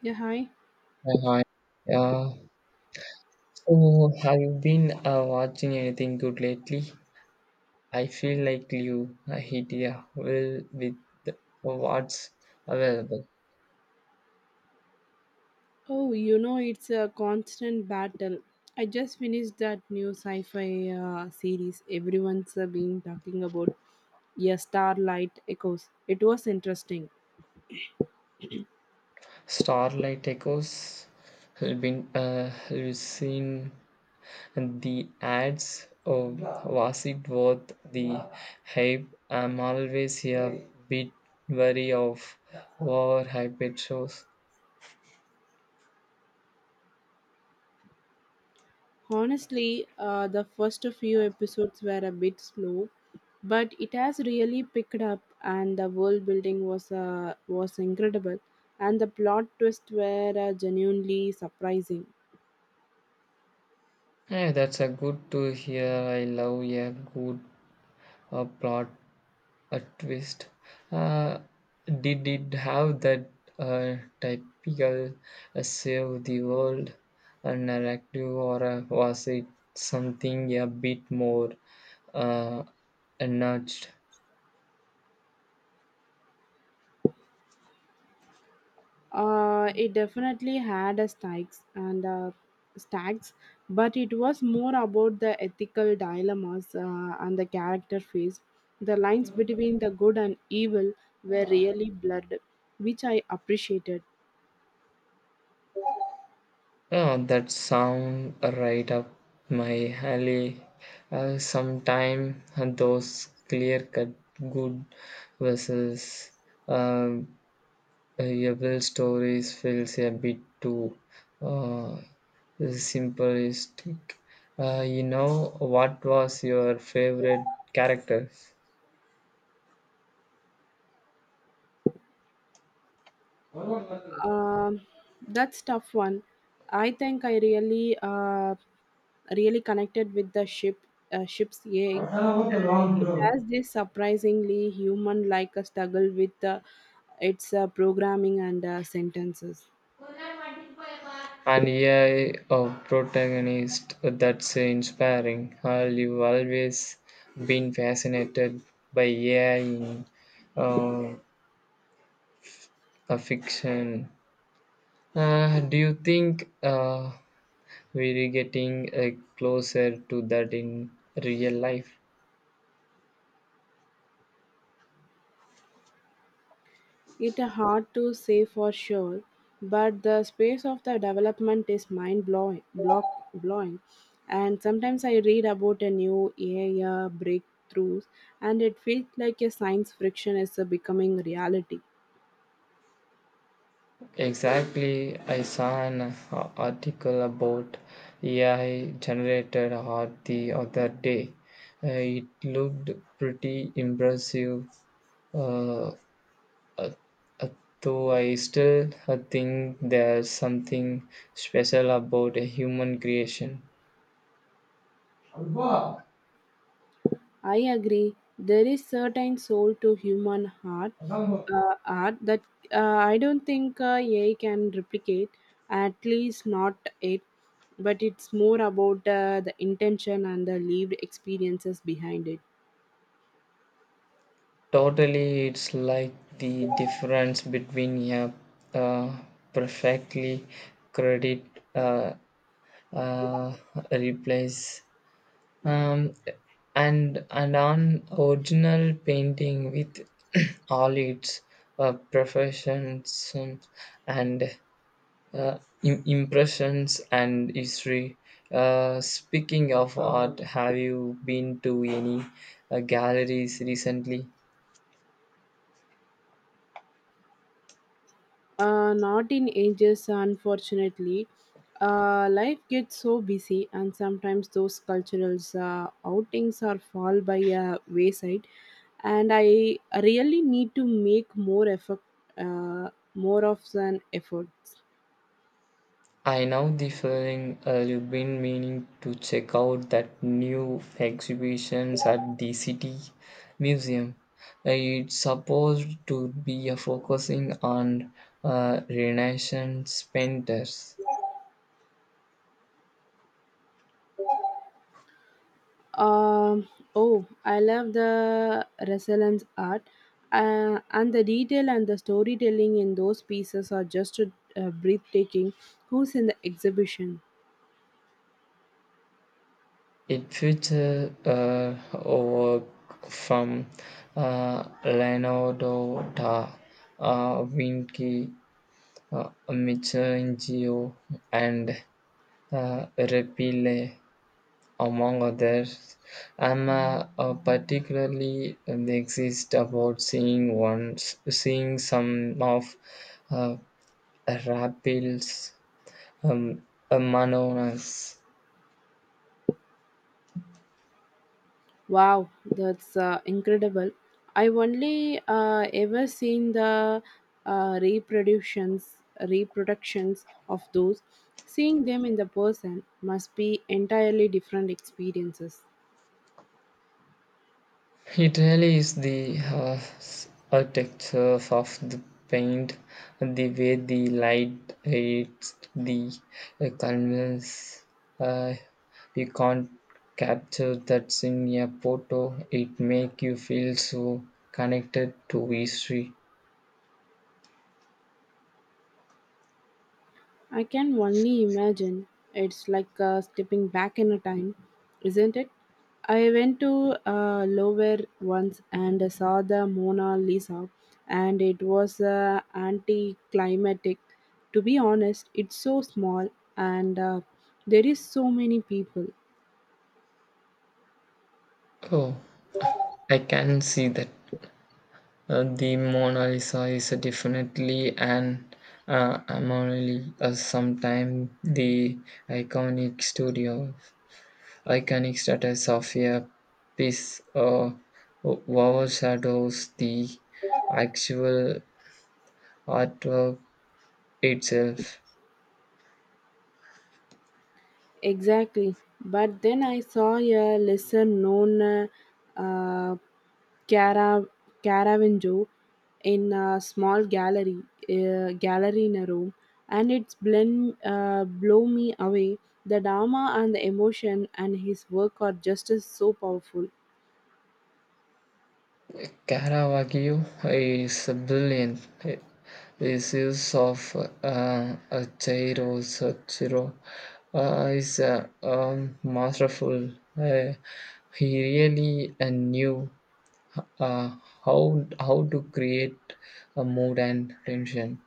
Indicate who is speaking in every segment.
Speaker 1: Yeah, hi.
Speaker 2: Yeah, hi. yeah. So have you been watching anything good lately? I feel like you hit a well with what's available.
Speaker 1: Oh, you know, it's a constant battle. I just finished that new sci fi series everyone's been talking about. Yeah, Starlight Echoes. It was interesting.
Speaker 2: Starlight Echoes. Have been have seen the ads? Or was it worth the hype? I'm always a bit wary of overhyped shows.
Speaker 1: Honestly, the first few episodes were a bit slow, but it has really picked up, and the world building was incredible, and the plot twists were genuinely surprising.
Speaker 2: Yeah, that's a good to hear. I love a good a plot a twist. Uh, did it have that uh, typical save the world narrative, or was it something a bit more uh, nudged?
Speaker 1: It definitely had a stakes and stacks, but it was more about the ethical dilemmas and the character phase. The lines between the good and evil were really blurred, which I appreciated.
Speaker 2: Oh, that sound right up my alley. Sometime those clear cut good versus um, Every story feels a bit too uh, simplistic. What was your favorite characters? And
Speaker 1: Um, that's tough one. I think I really connected with the ship, ship's egg, and it has this surprisingly human-like a struggle with its programming and sentences.
Speaker 2: yeah, a protagonist that's inspiring. You've always been fascinated by AI in uh, a fiction. Do you think we're getting closer to that in real life.
Speaker 1: It's hard to say for sure, but the space of the development is mind blowing, block blowing. And sometimes I read about a new AI breakthroughs, and it feels like a science friction is becoming reality.
Speaker 2: Exactly, I saw an article about AI generated art the other day. Uh, it looked pretty impressive, uh, uh, uh, though I still think there's something special about a human creation.
Speaker 1: I agree. There is certain soul to human heart, art that I don't think AI can replicate. At least not it. But it's more about the intention and the lived experiences behind it.
Speaker 2: Totally, it's like the difference between a uh, perfectly credit uh, uh, replace um, and an original painting with all its professions and impressions and history. Speaking of art, have you been to any galleries recently?
Speaker 1: Not in ages, unfortunately. Life gets so busy, and sometimes those cultural outings are fall by a wayside. And I really need to make more of an effort.
Speaker 2: I know the feeling you've been meaning to check out that new exhibitions at the City Museum. It's supposed to be a focusing on Renaissance painters.
Speaker 1: Um, oh, I love the resilience art, and the detail and the storytelling in those pieces are just breathtaking. Who's in the exhibition?
Speaker 2: It features work from Leonardo da Vinci, Michelangelo, and Raphael. Among others. I'm particularly exist about seeing some of uh, Rapil's um, Manonas.
Speaker 1: Wow, that's incredible. I only ever seen the uh, reproductions, reproductions of those. Seeing them in the person must be entirely different experiences.
Speaker 2: It really is the architecture of the paint, the way the light hits the canvas. Uh, you can't capture that in a photo. It make you feel so connected to history.
Speaker 1: I can only imagine. It's like stepping back in a time, isn't it? I went to Louvre once and saw the Mona Lisa, and it was anticlimactic. To be honest, it's so small, and there is so many people.
Speaker 2: Oh, I can see that. The Mona Lisa is definitely an anomaly. Sometime the iconic studio Iconic status of a piece overshadows the actual artwork itself.
Speaker 1: Exactly. But then I saw a lesser known uh, Cara, Caravaggio in a small gallery in a room, and it's blend, blow me away. The drama and the emotion and his work are just as so powerful.
Speaker 2: Caravaggio is brilliant. His use of a gyro, so gyro is masterful. He really knew uh, how to create a mood and tension.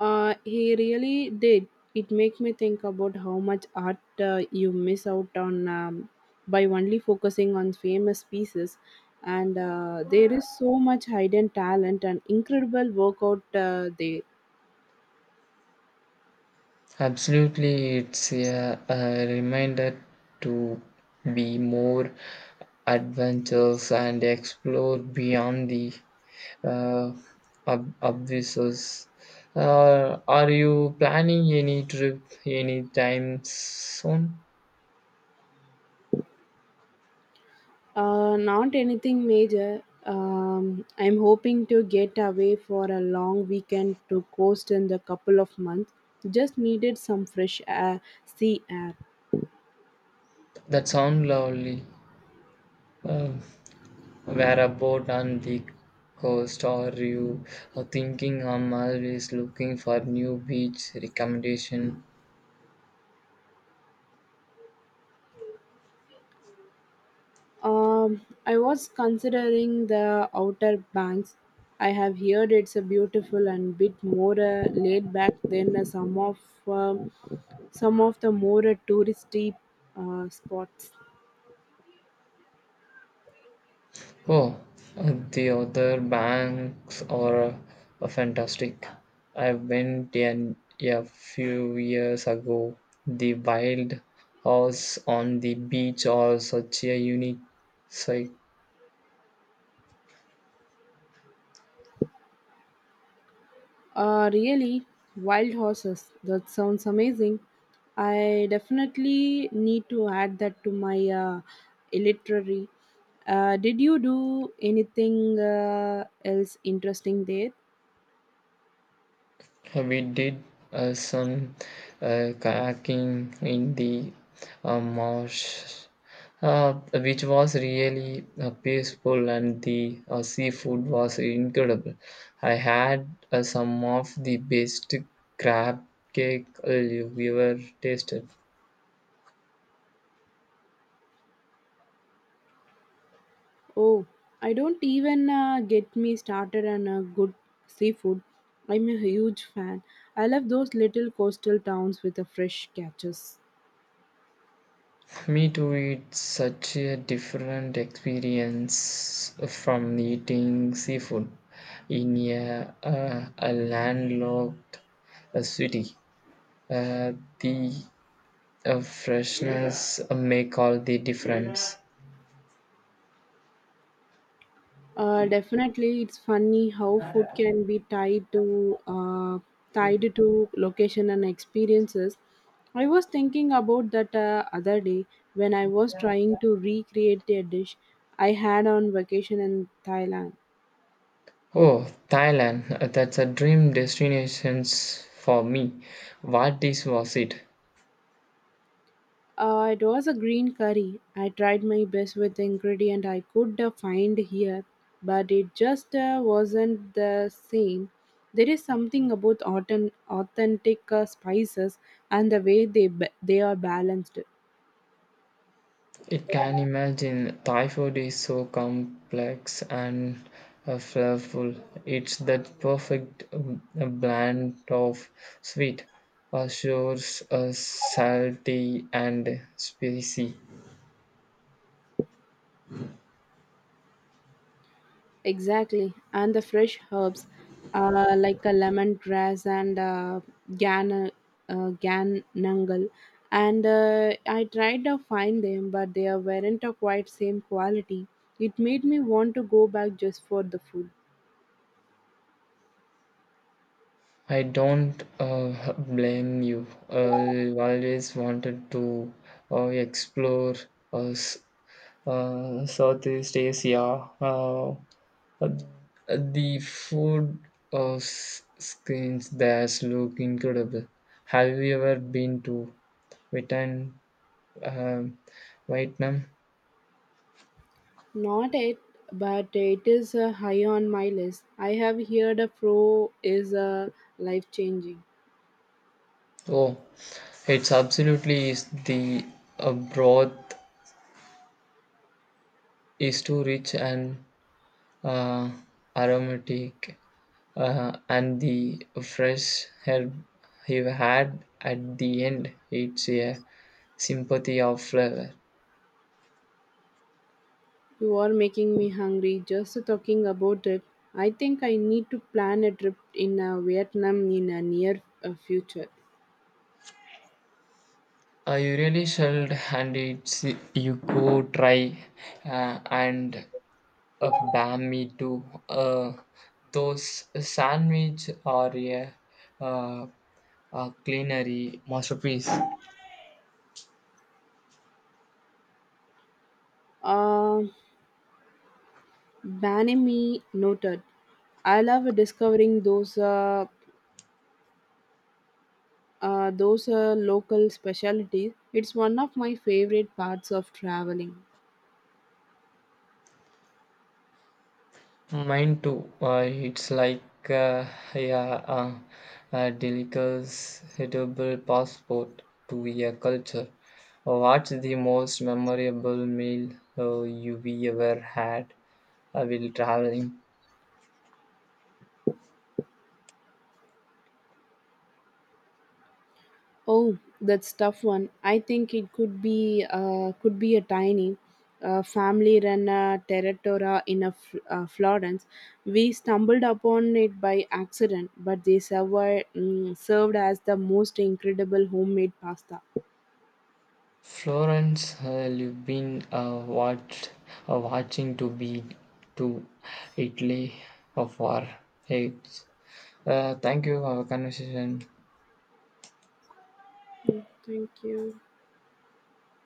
Speaker 1: He really did. It makes me think about how much art you miss out on by only focusing on famous pieces. And there is so much hidden talent and incredible work out there.
Speaker 2: Absolutely, it's a reminder to be more adventurous and explore beyond the uh, obvious. Are you planning any trip anytime soon?
Speaker 1: Not anything major. I'm hoping to get away for a long weekend to coast in the couple of months. Just needed some fresh air, sea air.
Speaker 2: That sounds lovely. Uh, where about on the coast are you thinking? I'm always looking for new beach recommendation.
Speaker 1: I was considering the Outer Banks. I have heard it's a beautiful and bit more laid back than some of um, some of the more touristy spots.
Speaker 2: Oh, the other banks are fantastic. I went in a few years ago. The wild house on the beach are such a unique sight.
Speaker 1: Really, wild horses. That sounds amazing. I definitely need to add that to my literary. Did you do anything else interesting there?
Speaker 2: We did some kayaking in the marsh, which was really peaceful, and the seafood was incredible. I had some of the best crab cake I've ever tasted.
Speaker 1: Oh, I don't even get me started on a good seafood. I'm a huge fan. I love those little coastal towns with the fresh catches.
Speaker 2: Me too, it's such a different experience from eating seafood in a landlocked city. Uh, the freshness make all the difference.
Speaker 1: Definitely, it's funny how food can be tied to location and experiences. I was thinking about that other day when I was trying to recreate a dish I had on vacation in Thailand.
Speaker 2: Oh, Thailand, that's a dream destination for me. What dish was it?
Speaker 1: It was a green curry. I tried my best with the ingredient I could find here, but it just wasn't the same. There is something about authentic spices and the way they are balanced.
Speaker 2: It can imagine Thai food is so complex and flavorful. It's that perfect blend of sweet, sour, salty, and spicy.
Speaker 1: Exactly, and the fresh herbs, like a lemongrass and gan uh, ganangal, and I tried to find them, but they weren't of quite same quality. It made me want to go back just for the food.
Speaker 2: I don't blame you. I always wanted to explore uh, s- Southeast Asia. Uh, the food screens there look incredible. Have you ever been to Vietnam? Um, Vietnam?
Speaker 1: Not it, but it is high on my list. I have heard a pro is life changing.
Speaker 2: Oh, it's absolutely is the broth is too rich and uh, aromatic, and the fresh herb you had at the end. It's a sympathy of flavor.
Speaker 1: You are making me hungry just talking about it. I think I need to plan a trip in Vietnam in a near future.
Speaker 2: You really should, and it's you go try and bam me too. Those sandwich or a uh, culinary masterpiece.
Speaker 1: Uh, Mì noted. I love discovering those local specialties. It's one of my favorite parts of traveling.
Speaker 2: Mine too. It's like yeah, uh, a delicious edible passport to a culture. What's the most memorable meal you we ever had while traveling?
Speaker 1: Oh, that's tough one. I think it could be a tiny family-run territora in a Florence. We stumbled upon it by accident, but they served as the most incredible homemade pasta.
Speaker 2: Florence, watching to be to Italy of our age. Thank you for our conversation.
Speaker 1: Mm, thank you.